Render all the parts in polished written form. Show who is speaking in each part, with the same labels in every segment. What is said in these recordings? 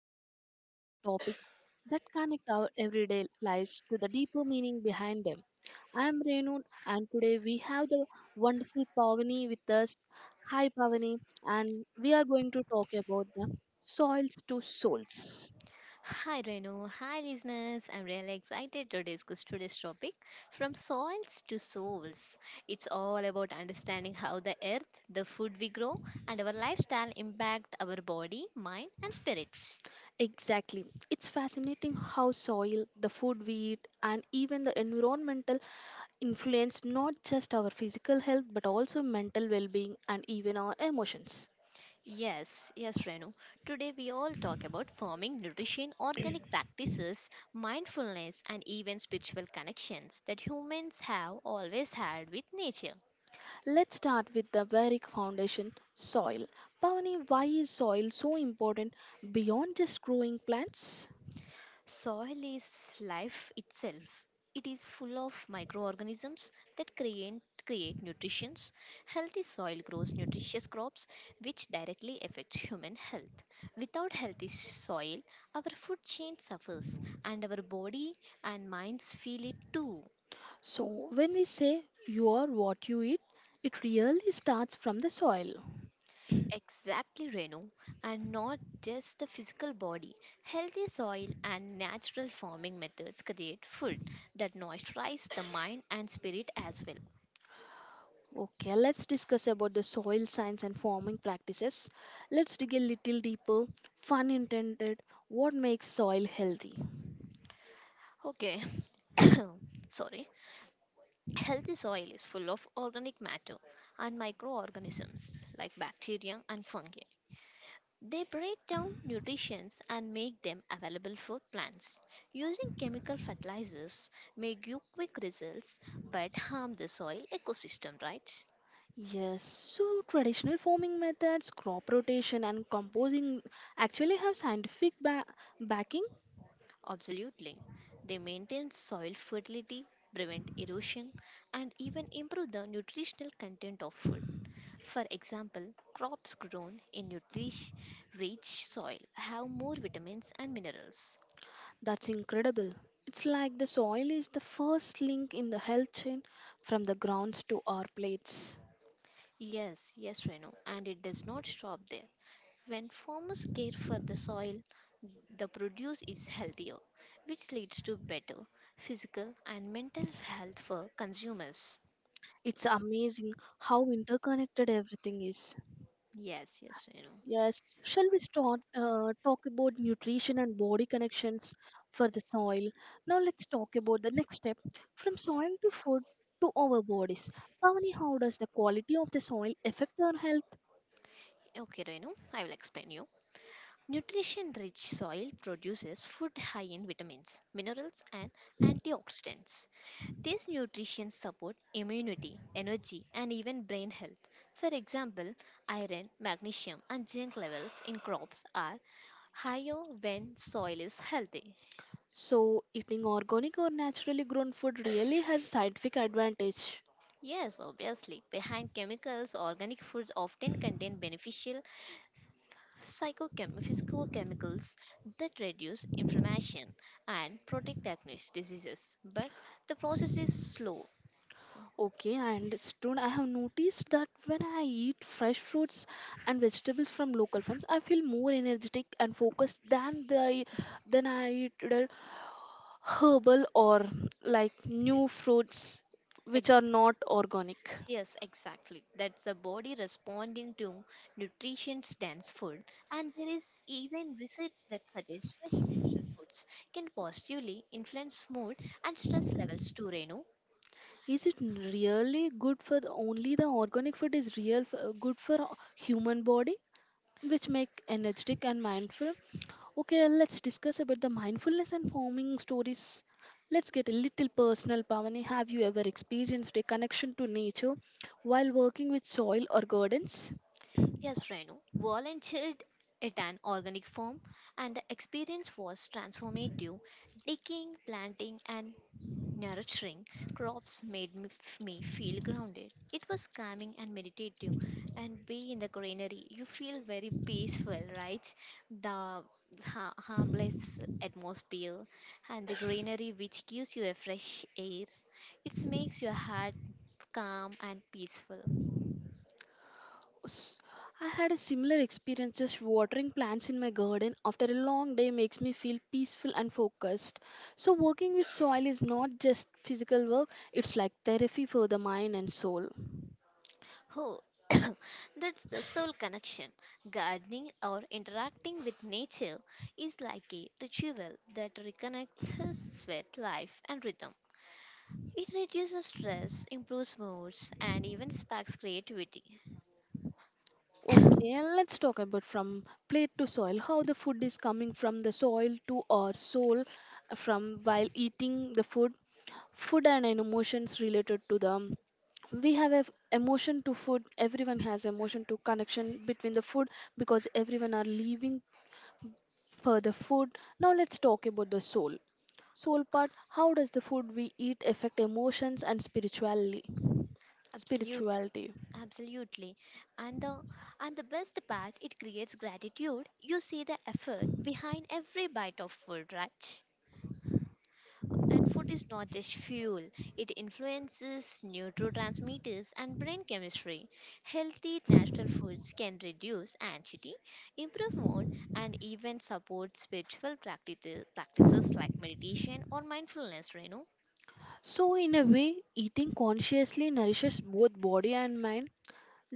Speaker 1: where we explore topics that connect our everyday lives to the deeper meaning behind them. I'm Renu, and today we have the wonderful Pavani with us. Hi, Pavani, and we are going to talk about the soils to souls.
Speaker 2: Hi Renu, hi listeners. I'm really excited to discuss today's topic from soils to souls. It's all about understanding how the earth, the food we grow, and our lifestyle impact our body, mind, and spirits.
Speaker 1: Exactly. It's fascinating how soil, the food we eat, and even the environmental influence not just our physical health but also mental well being and even our emotions.
Speaker 2: Yes, yes, Renu. Today we all talk about farming, nutrition, organic practices, mindfulness, and even spiritual connections that humans have always had with nature.
Speaker 1: Let's start with the very foundation soil. Pavani, why is soil so important beyond just growing plants?
Speaker 2: Soil is life itself. It is full of microorganisms that create nutrition. Healthy soil grows nutritious crops, which directly affects human health. Without healthy soil, our food chain suffers, and our body and minds feel it too.
Speaker 1: So, when we say you are what you eat, it really starts from the soil.
Speaker 2: Exactly, Renu, and not just the physical body. Healthy soil and natural farming methods create food that nourish the mind and spirit as well.
Speaker 1: Okay, let's discuss about the soil science and farming practices. Let's dig a little deeper. Fun intended, what makes soil healthy?
Speaker 2: Okay, sorry. Healthy soil is full of organic matter and microorganisms like bacteria and fungi. They break down nutrients and make them available for plants. Using chemical fertilizers may give quick results but harm the soil ecosystem, right?
Speaker 1: Yes, so traditional farming methods, crop rotation, and composing actually have scientific backing.
Speaker 2: Absolutely. They maintain soil fertility, prevent erosion, and even improve the nutritional content of food. For example, crops grown in nutritious rich soil have more vitamins and minerals.
Speaker 1: That's incredible. It's like the soil is the first link in the health chain from the grounds to our plates.
Speaker 2: Yes, yes, Renu, and it does not stop there. When farmers care for the soil, the produce is healthier, which leads to better physical and mental health for consumers.
Speaker 1: It's amazing how interconnected everything is.
Speaker 2: Yes, yes, Renu.
Speaker 1: Yes, shall we start talk about nutrition and body connections for the soil? Now let's talk about the next step from soil to food to our bodies. Pavani, how does the quality of the soil affect our health?
Speaker 2: Okay, Renu, I will explain you. Nutrition rich soil produces food high in vitamins, minerals, and antioxidants. These nutrients support immunity, energy, and even brain health. For example, iron, magnesium, and zinc levels in crops are higher when soil is healthy.
Speaker 1: So, eating organic or naturally grown food really has scientific advantage.
Speaker 2: Yes, obviously, behind chemicals, organic foods often contain beneficial physicochemicals that reduce inflammation and protect against diseases. But the process is slow.
Speaker 1: Okay, and student, I have noticed that when I eat fresh fruits and vegetables from local farms, I feel more energetic and focused than the than I eat herbal or like new fruits which are
Speaker 2: Ex-
Speaker 1: not organic.
Speaker 2: Yes, exactly. That's the body responding to nutrition's dense food, and there is even research that suggests fresh foods can positively influence mood and stress levels too, Renu.
Speaker 1: Is it really good for the, only the organic food is real for, good for human body which make energetic and mindful? Okay, let's discuss about the mindfulness and forming stories. Let's get a little personal. Pavani, have you ever experienced a connection to nature while working with soil or gardens?
Speaker 2: Yes, Renu volunteered at an organic farm, and the experience was transformative. Digging, planting, and nurturing crops made me feel grounded. It was calming and meditative, and being in the greenery, you feel very peaceful, right? The harmless atmosphere and the greenery, which gives you a fresh air, it makes your heart calm and peaceful.
Speaker 1: S- I had a similar experience. Just watering plants in my garden after a long day makes me feel peaceful and focused. So, working with soil is not just physical work, it's like therapy for the mind and soul.
Speaker 2: Oh, that's the soul connection. Gardening or interacting with nature is like a ritual that reconnects us with life and rhythm. It reduces stress, improves moods, and even sparks creativity.
Speaker 1: Okay, and let's talk about from plate to soil, how the food is coming from the soil to our soul, from while eating the food. Food and emotions related to the, we have a emotion to food. Everyone has emotion to connection between the food because everyone are leaving for the food. Now let's talk about the soul, soul part. How does the food we eat affect emotions and spirituality
Speaker 2: Absolute,
Speaker 1: spirituality?
Speaker 2: absolutely. And the and the best part, it creates gratitude. You see the effort behind every bite of food, right? And food is not just fuel, it influences neurotransmitters and brain chemistry. Healthy natural foods can reduce anxiety, improve mood, and even support spiritual practices like meditation or mindfulness, Renu.
Speaker 1: So in a way, eating consciously nourishes both body and mind.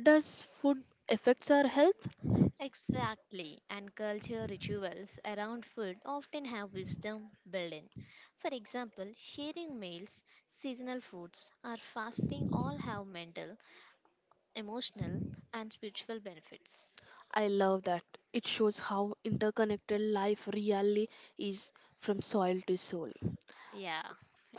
Speaker 1: Does food affects our health?
Speaker 2: Exactly, and culture rituals around food often have wisdom built in. For example, sharing meals, seasonal foods, or fasting all have mental, emotional, and spiritual benefits.
Speaker 1: I love that. It shows how interconnected life really is, from soil to soul.
Speaker 2: Yeah,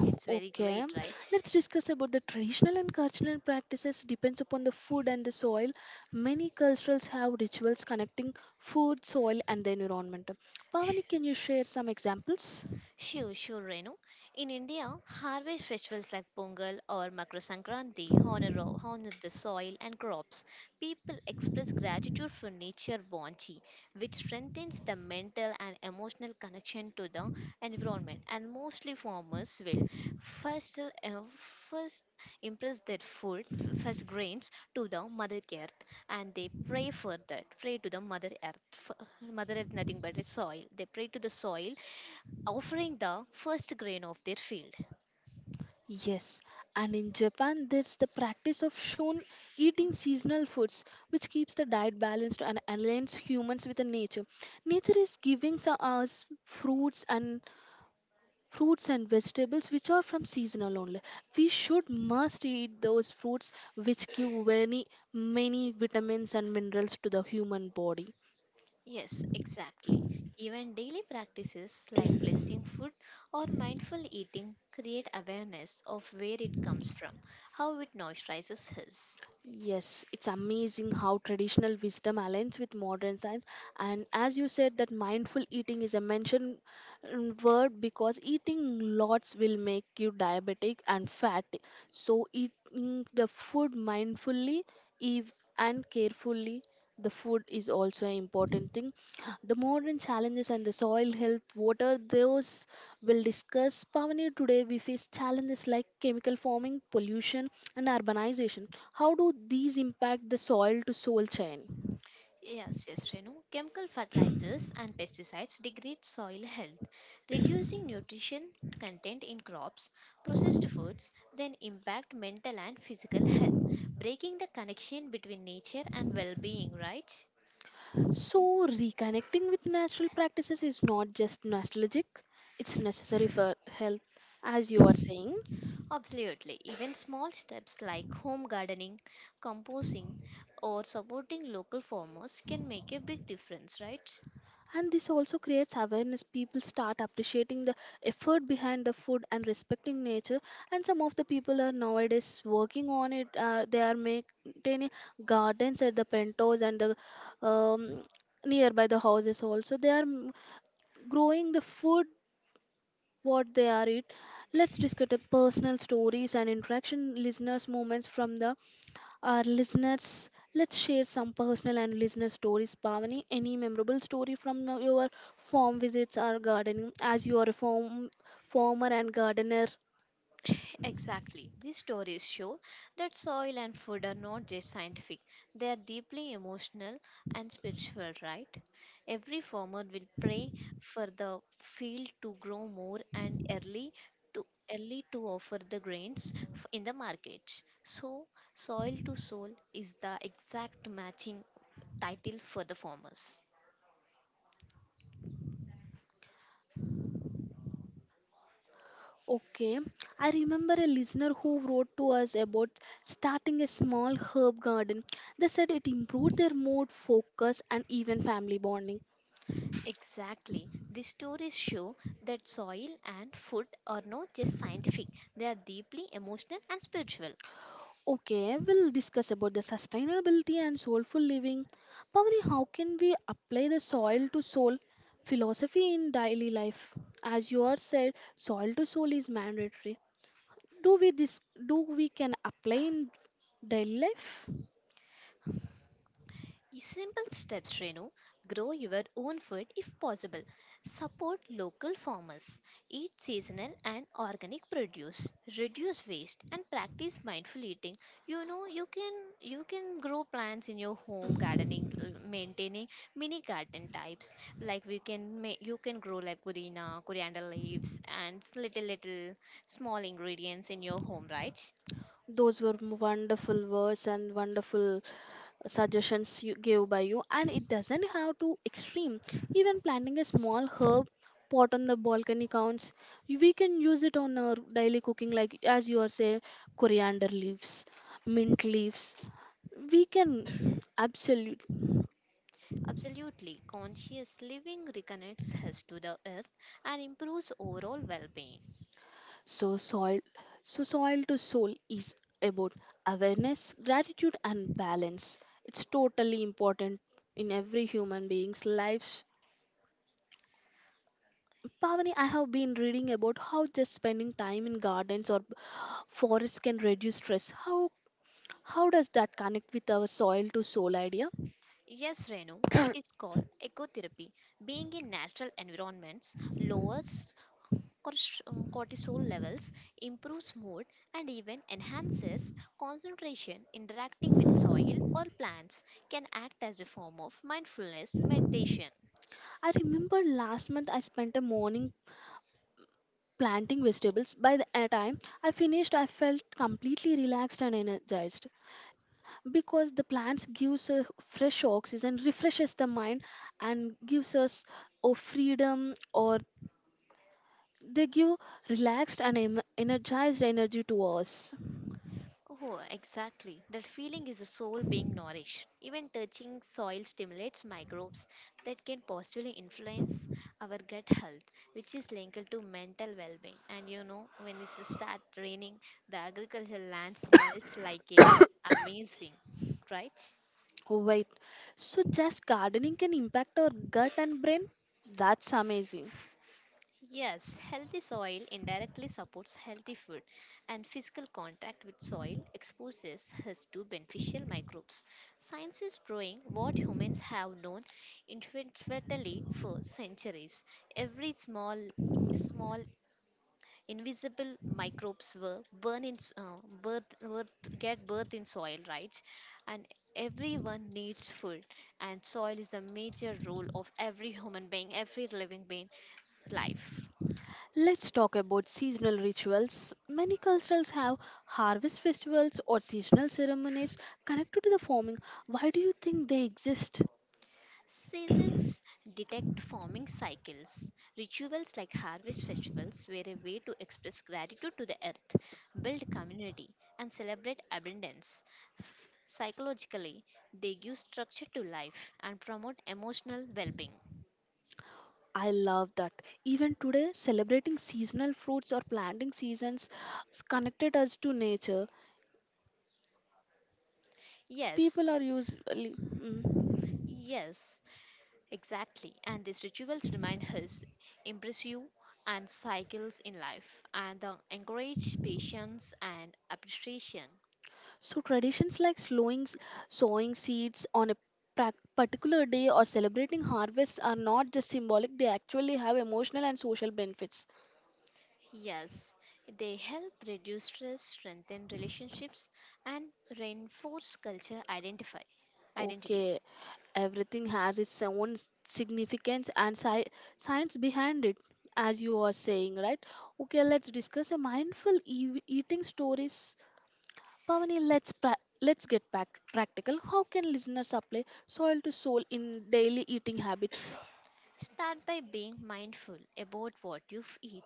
Speaker 2: it's very
Speaker 1: Okay,
Speaker 2: great, right?
Speaker 1: let's discuss about the traditional and cultural practices depends upon the food and the soil. Many cultures have rituals connecting food, soil and the environment. Pavani, can you share some examples?
Speaker 2: Sure, sure, Renu. In India, harvest festivals like Pongal or Makar Sankranti honor the soil and crops. People express gratitude for nature bounty, which strengthens the mental and emotional connection to the environment. And mostly farmers will first impress their first grains to the Mother Earth, and they pray for that, pray to the Mother Earth. Mother Earth, nothing but the soil. They pray to the soil offering the first grain of their field.
Speaker 1: Yes, and in Japan, there's the practice of shon, eating seasonal foods, which keeps the diet balanced and aligns humans with the nature. Nature is giving us fruits and vegetables which are from seasonal only. We should must eat those fruits which give many many vitamins and minerals to the human body.
Speaker 2: Yes, exactly. Even daily practices like blessing food or mindful eating create awareness of where it comes from, how it moisturizes us.
Speaker 1: Yes, it's amazing how traditional wisdom aligns with modern science. And as you said, that mindful eating is a mentioned word because eating lots will make you diabetic and fat. So, eating the food mindfully, and carefully, the food is also an important thing. The modern challenges and the soil health, what are those? We'll discuss. Pavani, today we face challenges like chemical farming, pollution and urbanization. How do these impact the soil to soil chain?
Speaker 2: Yes, yes, Renu. Chemical fertilizers and pesticides degrade soil health, reducing nutrition content in crops, processed foods, then impact mental and physical health, breaking the connection between nature and well being, right?
Speaker 1: So reconnecting with natural practices is not just nostalgic, it's necessary for health, as you are saying.
Speaker 2: Absolutely. Even small steps like home gardening, composting, or supporting local farmers can make a big difference, right?
Speaker 1: And this also creates awareness. People start appreciating the effort behind the food and respecting nature. And some of the people are nowadays working on it. They are maintaining gardens at the pentos and the nearby the houses also. They are growing the food what they are eat. Let's discuss the personal stories and interaction listeners moments from the our listeners. Let's share some personal and listener stories. Bhavani, any memorable story from your farm visits or gardening, as you are a farmer and gardener?
Speaker 2: Exactly. These stories show that soil and food are not just scientific, they are deeply emotional and spiritual, right? Every farmer will pray for the field to grow more and early to early to offer the grains in the market. So, soil to soul is the exact matching title for the farmers.
Speaker 1: Okay, I remember a listener who wrote to us about starting a small herb garden. They said it improved their mood, focus, and even family bonding.
Speaker 2: Exactly. The stories show that soil and food are not just scientific, they are deeply emotional and spiritual.
Speaker 1: Okay, we'll discuss about the sustainability and soulful living. Pavani, how can we apply the soil to soul philosophy in daily life? As you are said, soil to soul is mandatory. Do we this, do we can apply in daily life?
Speaker 2: Simple steps, Renu. Grow your own food if possible. Support local farmers. Eat seasonal and organic produce. Reduce waste and practice mindful eating. You know, you can grow plants in your home, gardening, maintaining mini garden types. Like you can grow like purina, coriander leaves, and little little small ingredients in your home, right?
Speaker 1: Those were wonderful words and wonderful suggestions you gave by you. And it doesn't have to extreme. Even planting a small herb pot on the balcony counts. We can use it on our daily cooking, like as you are saying, coriander leaves, mint leaves. We can absolutely.
Speaker 2: Absolutely, conscious living reconnects us to the earth and improves overall well being.
Speaker 1: So soil, so soil to soul is about awareness, gratitude, and balance. It's totally important in every human being's life. Pavani, I have been reading about how just spending time in gardens or forests can reduce stress. How does that connect with our soil to soul idea?
Speaker 2: Yes, Renu,
Speaker 1: I
Speaker 2: it is called ecotherapy. Being in natural environments lowers cortisol levels, improves mood, and even enhances concentration. Interacting with soil or plants can act as a form of mindfulness meditation.
Speaker 1: remember last month I spent a morning planting vegetables. By the time I finished, I felt completely relaxed and energized because the plants gives a fresh oxygen, refreshes the mind, and gives us a freedom or, they give relaxed and energized energy to us.
Speaker 2: Oh, exactly. That feeling is the soul being nourished. Even touching soil stimulates microbes that can positively influence our gut health, which is linked to mental well being. And you know, when it starts raining, the agricultural land smells like a amazing, right?
Speaker 1: Oh, wait, so just gardening can impact our gut and brain? That's amazing.
Speaker 2: Yes, healthy soil indirectly supports healthy food, and physical contact with soil exposes us to beneficial microbes. Science is proving what humans have known intuitively for centuries. Every small invisible microbes were born in get birth in soil, right? And everyone needs food, and soil is a major role of every human being, every living being life.
Speaker 1: Let's talk about seasonal rituals. Many cultures have harvest festivals or seasonal ceremonies connected to the farming. Why do you think they exist?
Speaker 2: Seasons detect forming cycles. Rituals like harvest festivals were a way to express gratitude to the earth, build community, and celebrate abundance. Psychologically, they give structure to life and promote emotional well being.
Speaker 1: I love that. Even today, celebrating seasonal fruits or planting seasons connected us to nature.
Speaker 2: Yes,
Speaker 1: People are usually. Mm.
Speaker 2: yes, exactly. And these rituals remind us, impress you, and cycles in life, and encourage patience and appreciation.
Speaker 1: So traditions like sowing seeds on a particular day or celebrating harvest are not just symbolic; they actually have emotional and social benefits.
Speaker 2: Yes, they help reduce stress, strengthen relationships, and reinforce culture identify identity.
Speaker 1: Okay, everything has its own significance and science behind it, as you are saying, right? Okay, let's discuss a mindful eating stories. Pavani, let's get back practical. How can listeners apply soil to soul in daily eating habits?
Speaker 2: Start by being mindful about what you eat.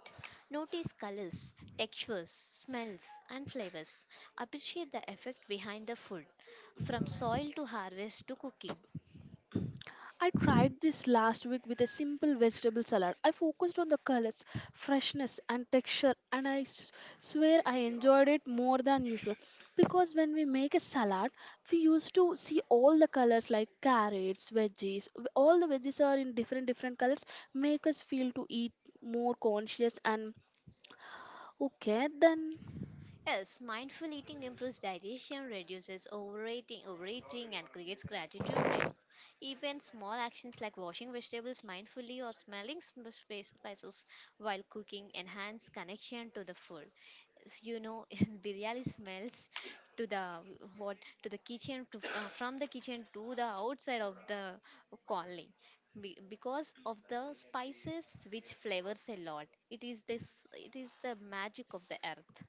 Speaker 2: Notice colors, textures, smells, and flavors. Appreciate the effect behind the food, from soil to harvest to cooking.
Speaker 1: I tried this last week with a simple vegetable salad. I focused on the colors, freshness, and texture, and swear I enjoyed it more than usual. Because when we make a salad, we used to see all the colors like carrots, veggies. All the veggies are in different different colors, make us feel to eat more conscious and okay. Then
Speaker 2: Yes, mindful eating improves digestion, reduces overeating, and creates gratitude reno. Even small actions like washing vegetables mindfully or smelling spices while cooking enhance connection to the food. You know, biryani smells to the what to the kitchen to from the kitchen to the outside of the colony because of the spices which flavors a lot. It is this. It is the magic of the earth.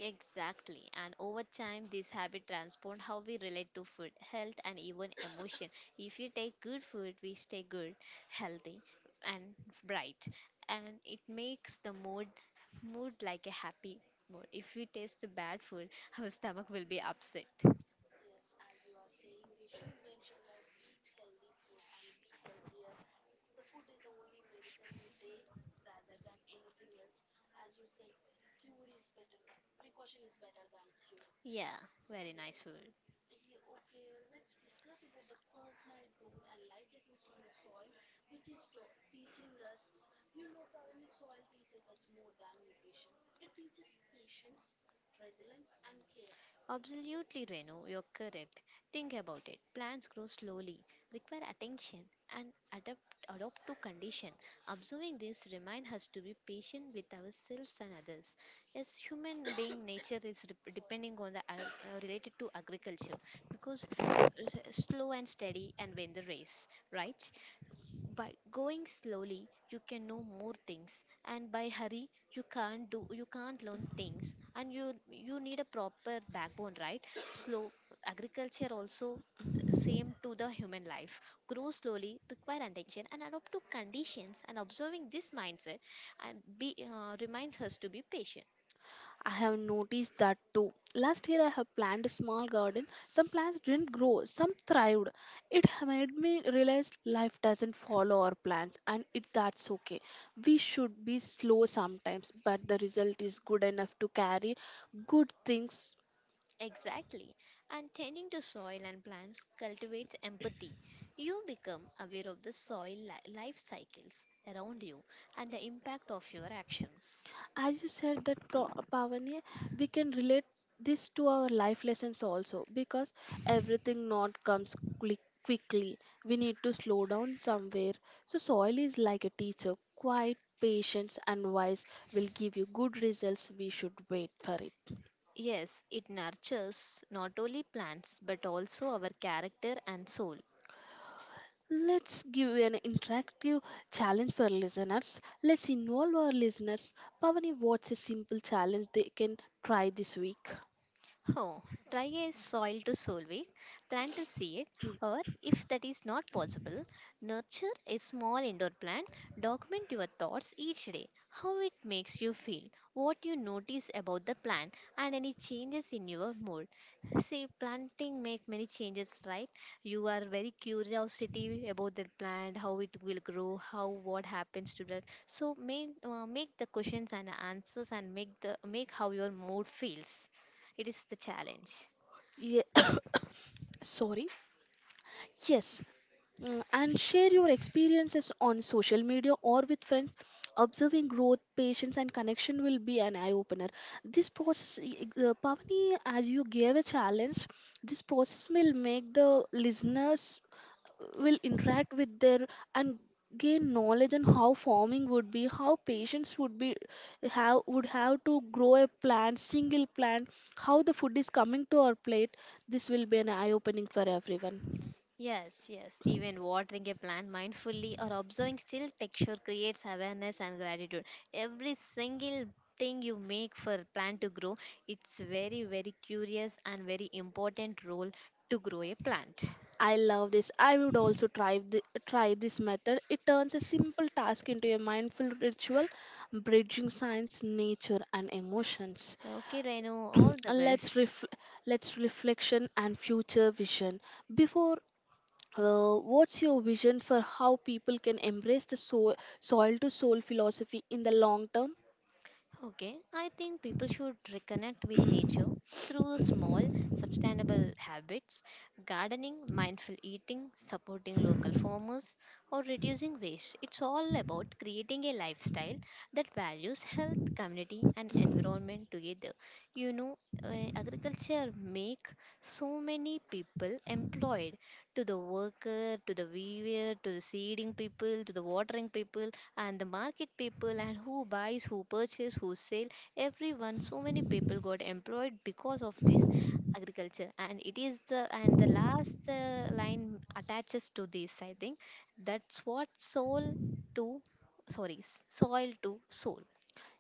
Speaker 2: Exactly. And over time, this habit transformed how we relate to food, health, and even emotion. If you take good food, we stay good, healthy, and bright. And it makes the mood like a happy mood. If we taste the bad food, our stomach will be upset. Yeah, very nice food. Absolutely, Renu, you're correct. Think about it. Plants grow slowly, require attention, and adapt adopt to condition. Observing this remind us to be patient with ourselves and others. As human being, nature is rep- depending on the ag- related to agriculture because slow and steady and win the race, right? By going slowly you can know more things and by hurry you can't learn things and you need a proper backbone, right? Slow agriculture also same to the human life, grow slowly, require attention and adapt to conditions, and observing this mindset and be reminds us to be patient.
Speaker 1: I have noticed that too. Last year, I have planted a small garden. Some plants didn't grow, some thrived. Made me realize life doesn't follow our plans, and it that's okay. We should be slow sometimes, but the result is good enough to carry good things.
Speaker 2: Exactly. And tending to soil and plants cultivates empathy. You become aware of the life cycles around you and the impact of your actions.
Speaker 1: As you said that, Pavani, we can relate this to our life lessons also because everything not comes quickly. We need to slow down somewhere. So soil is like a teacher. Quiet, patience, and wise will give you good results. We should wait for it.
Speaker 2: Yes, it nurtures not only plants but also our character and soul.
Speaker 1: Let's give an interactive challenge for listeners. Let's involve our listeners. Pavani, what's a simple challenge they can try this week?
Speaker 2: Oh, try a soil to soil week, plant a seed, or if that is not possible, nurture a small indoor plant. Document your thoughts each day, how it makes you feel, what you notice about the plant, and any changes in your mood. See, planting make many changes, right? You are very curiosity about that plant, how it will grow, how what happens to that. So make the questions and answers, and make how your mood feels. It is the challenge.
Speaker 1: Yeah, sorry. Yes, mm, and share your experiences on social media or with friends, observing growth, patience and connection will be an eye opener. This process, Pavani, as you gave a challenge, this process will make the listeners will interact with their and gain knowledge on how farming would be, how patients would be, how would have to grow a plant, single plant, how the food is coming to our plate. This will be an eye opening for everyone.
Speaker 2: Yes, yes. Even watering a plant mindfully or observing still texture creates awareness and gratitude. Every single thing you make for plant to grow, it's very, very curious and very important role to grow a plant.
Speaker 1: I love this. I would also try try this method. It turns a simple task into a mindful ritual, bridging science, nature, and emotions.
Speaker 2: Okay, Renu, all the
Speaker 1: let's ref,
Speaker 2: best.
Speaker 1: let's reflection and future vision. Before, what's your vision for how people can embrace the soil to soul philosophy in the long term?
Speaker 2: Okay, I think people should reconnect with nature through small, sustainable habits, gardening, mindful eating, supporting local farmers, or reducing waste. It's all about creating a lifestyle that values health, community, and environment together. You know, agriculture make so many people employed to the worker, to the weaver, to the seeding people, to the watering people and the market people and who buys, who purchase, who sell, everyone. So many people got employed because of this agriculture, and it is the last line attaches to this. I think that's what soul to sorry s- soil to soul.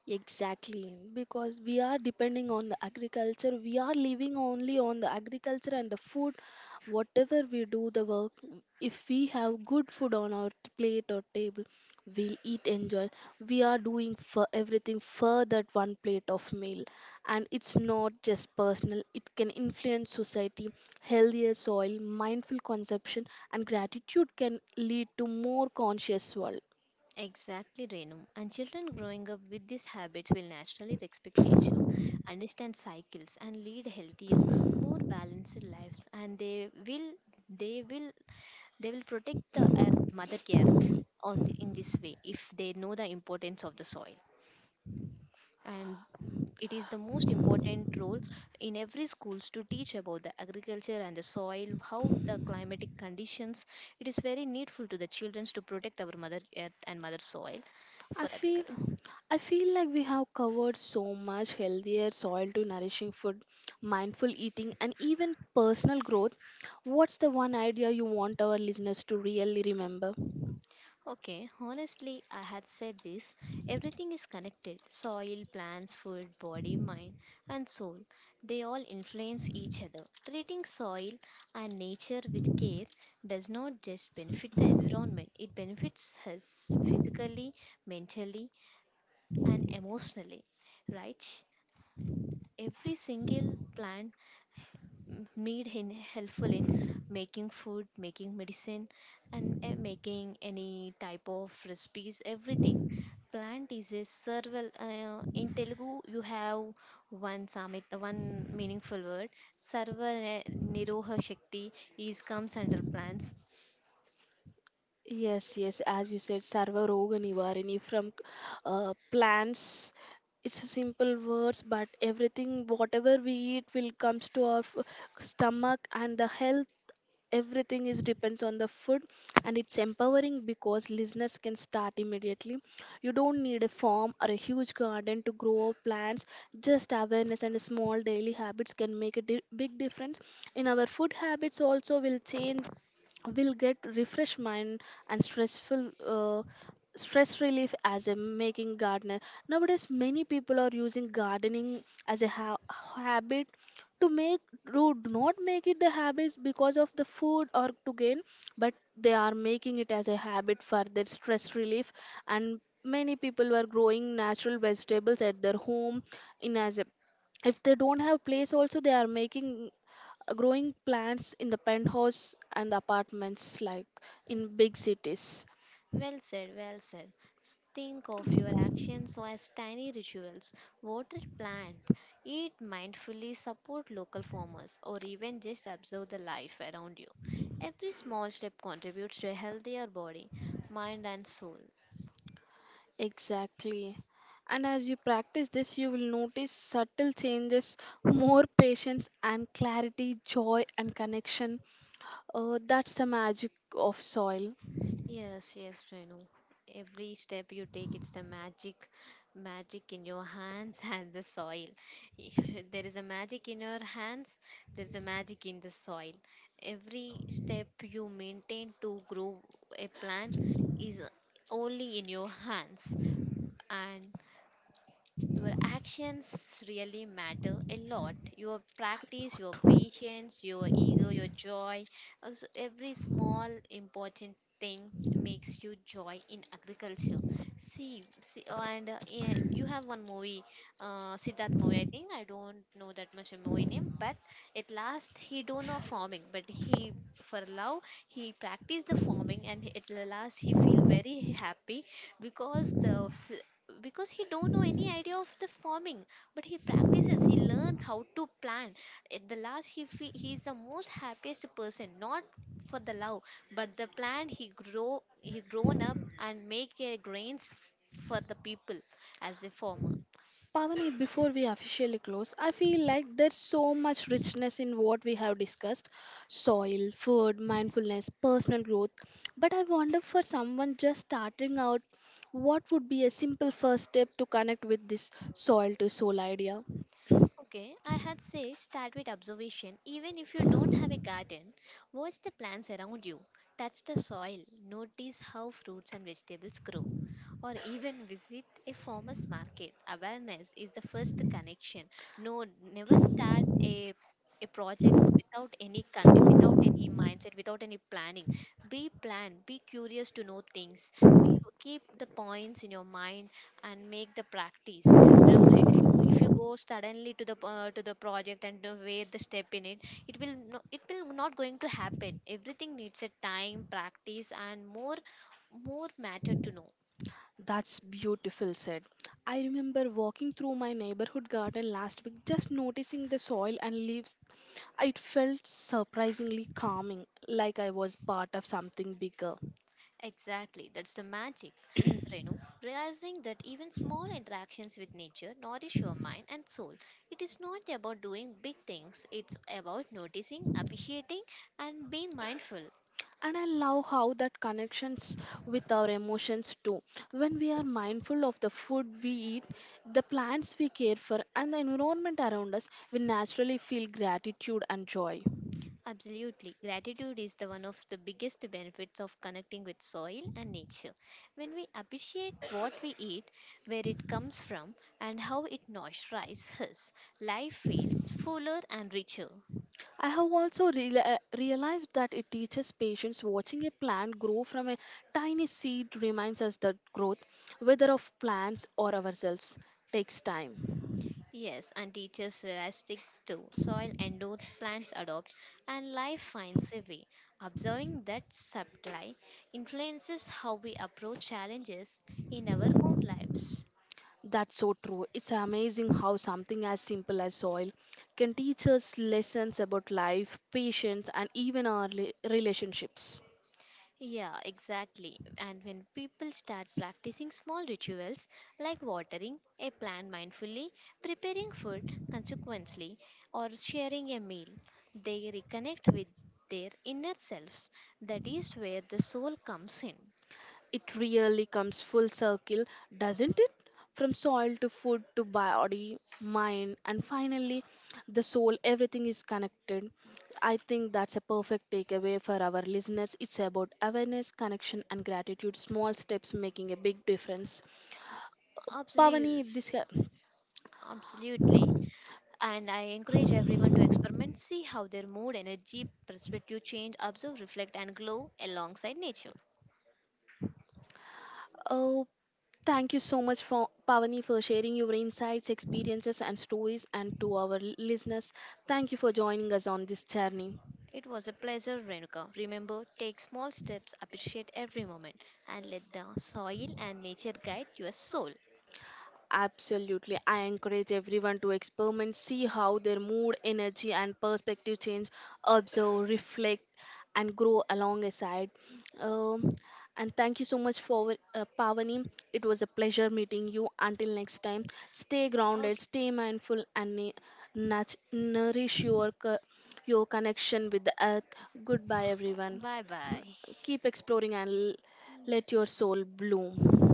Speaker 1: Exactly, because we are depending on the agriculture, we are living only on the agriculture and the food. Whatever we do, the work, if we have good food on our plate or table, we'll eat, enjoy. We are doing for everything for that one plate of meal, and it's not just personal, it can influence society. Healthier soil, mindful consumption, and gratitude can lead to more conscious world.
Speaker 2: Exactly, Renu. And children growing up with these habits will naturally respect nature, understand cycles, and lead healthier, more balanced lives. And they will they will protect the earth, Mother Earth, in this way if they know the importance of the soil. And it is the most important role in every schools to teach about the agriculture and the soil, how the climatic conditions. It is very needful to the children to protect our Mother Earth and Mother Soil
Speaker 1: I
Speaker 2: for
Speaker 1: feel
Speaker 2: agriculture.
Speaker 1: I feel like we have covered so much, healthier soil to nourishing food, mindful eating, and even personal growth. What's the one idea you want our listeners to really remember?
Speaker 2: Okay, honestly, I had said this. Everything is connected soil, plants, food, body, mind, and soul. They all influence each other. Treating soil and nature with care does not just benefit the environment, it benefits us physically, mentally, and emotionally. Right? Every single plant made in helpful in making food making medicine and making any type of recipes everything plant is a survival in Telugu you have one summit one meaningful word sarva niroha shakti is comes under plants.
Speaker 1: Yes, yes, as you said, Sarva Roga Nivarini from plants. It's a simple words, but everything, whatever we eat, will comes to our stomach, and the health, everything is depends on the food. And it's empowering because listeners can start immediately. You don't need a farm or a huge garden to grow plants, just awareness and small daily habits can make a big difference. In our food habits also will change, will get refresh mind and stressful stress relief as a making gardener. Nowadays many people are using gardening as a habit to make, to do not make it the habits because of the food or to gain, but they are making it as a habit for their stress relief. And many people were growing natural vegetables at their home in as a, if they don't have place also, they are making growing plants in the penthouse and the apartments like in big cities.
Speaker 2: Well said, well said. Think of your actions as tiny rituals. Water plant, eat mindfully, support local farmers, or even just observe the life around you. Every small step contributes to a healthier body, mind, and soul.
Speaker 1: Exactly, and as you practice this you will notice subtle changes, more patience and clarity, joy and connection. That's the magic of soil.
Speaker 2: Yes, yes, Renu. Every step you take, it's the magic, magic in your hands and the soil. There is a magic in your hands, there's a magic in the soil. Every step you maintain to grow a plant is only in your hands. And your actions really matter a lot. Your practice, your patience, your ego, your joy. Also, every small important thing makes you joy in agriculture. See, see oh, and yeah, you have one movie, Siddharth movie. I think I don't know that much a movie name, but at last he don't know farming, but he for love he practiced the farming and at the last he feel very happy because the s- because he don't know any idea of the farming but he practices he learns how to plant at the last he is the most happiest person not for the love but the plant he grown up and make a grains for the people as a farmer.
Speaker 1: Pavani, before we officially close, I feel like there's so much richness in what we have discussed, soil, food, mindfulness, personal growth. But I wonder, for someone just starting out, what would be a simple first step to connect with this soil to soul idea?
Speaker 2: Okay, I had say start with observation. Even if you don't have a garden, watch the plants around you. Touch the soil, notice how fruits and vegetables grow, or even visit a farmer's market. Awareness is the first connection. No, never start a project without any mindset, without any planning. Be planned, be curious to know things. Be keep the points in your mind and make the practice if you go suddenly to the project and weigh the step in it, it will no, it will not going to happen, everything needs a time practice and more more matter to know.
Speaker 1: That's beautiful said. I remember walking through my neighborhood garden last week, just noticing the soil and leaves. It felt surprisingly calming, like I was part of something bigger.
Speaker 2: Exactly, that's the magic, Renu. Realizing that even small interactions with nature nourish your mind and soul, it is not about doing big things, it's about noticing, appreciating, and being mindful.
Speaker 1: And I love how that connections with our emotions too. When we are mindful of the food we eat, the plants we care for, and the environment around us, we naturally feel gratitude and joy.
Speaker 2: Absolutely. Gratitude is the one of the biggest benefits of connecting with soil and nature. When we appreciate what we eat, where it comes from, and how it nourishes us, life feels fuller and richer.
Speaker 1: I have also realized that it teaches patience. Watching a plant grow from a tiny seed reminds us that growth, whether of plants or ourselves, takes time.
Speaker 2: Yes, and teachers realistic too. Soil endures, plants adopt, and life finds a way. Observing that supply influences how we approach challenges in our own lives.
Speaker 1: That's so true. It's amazing how something as simple as soil can teach us lessons about life, patience, and even our relationships.
Speaker 2: Yeah, exactly. And when people start practicing small rituals like watering a plant mindfully, preparing food consequently, or sharing a meal, they reconnect with their inner selves. That is where the soul comes in.
Speaker 1: It really comes full circle, doesn't it? From soil to food to body, mind, and finally the soul, everything is connected. I think that's a perfect takeaway for our listeners. It's about awareness, connection, and gratitude. Small steps making a big difference. Pavani,
Speaker 2: Absolutely.
Speaker 1: this.
Speaker 2: Absolutely. And I encourage everyone to experiment, see how their mood, energy, perspective change, observe, reflect, and glow alongside nature.
Speaker 1: Oh, thank you so much for Pavani for sharing your insights, experiences and stories, and to our listeners, thank you for joining us on this journey.
Speaker 2: It was a pleasure, Renuka. Remember, take small steps, appreciate every moment, and let the soil and nature guide your soul.
Speaker 1: Absolutely. I encourage everyone to experiment, see how their mood, energy, and perspective change, observe, reflect, and grow alongside. Um, and thank you so much for Pavani. It was a pleasure meeting you. Until next time, stay grounded,
Speaker 2: Okay,
Speaker 1: stay mindful, and nourish your connection with the earth. Goodbye, everyone.
Speaker 2: bye bye.
Speaker 1: Keep exploring and let your soul bloom.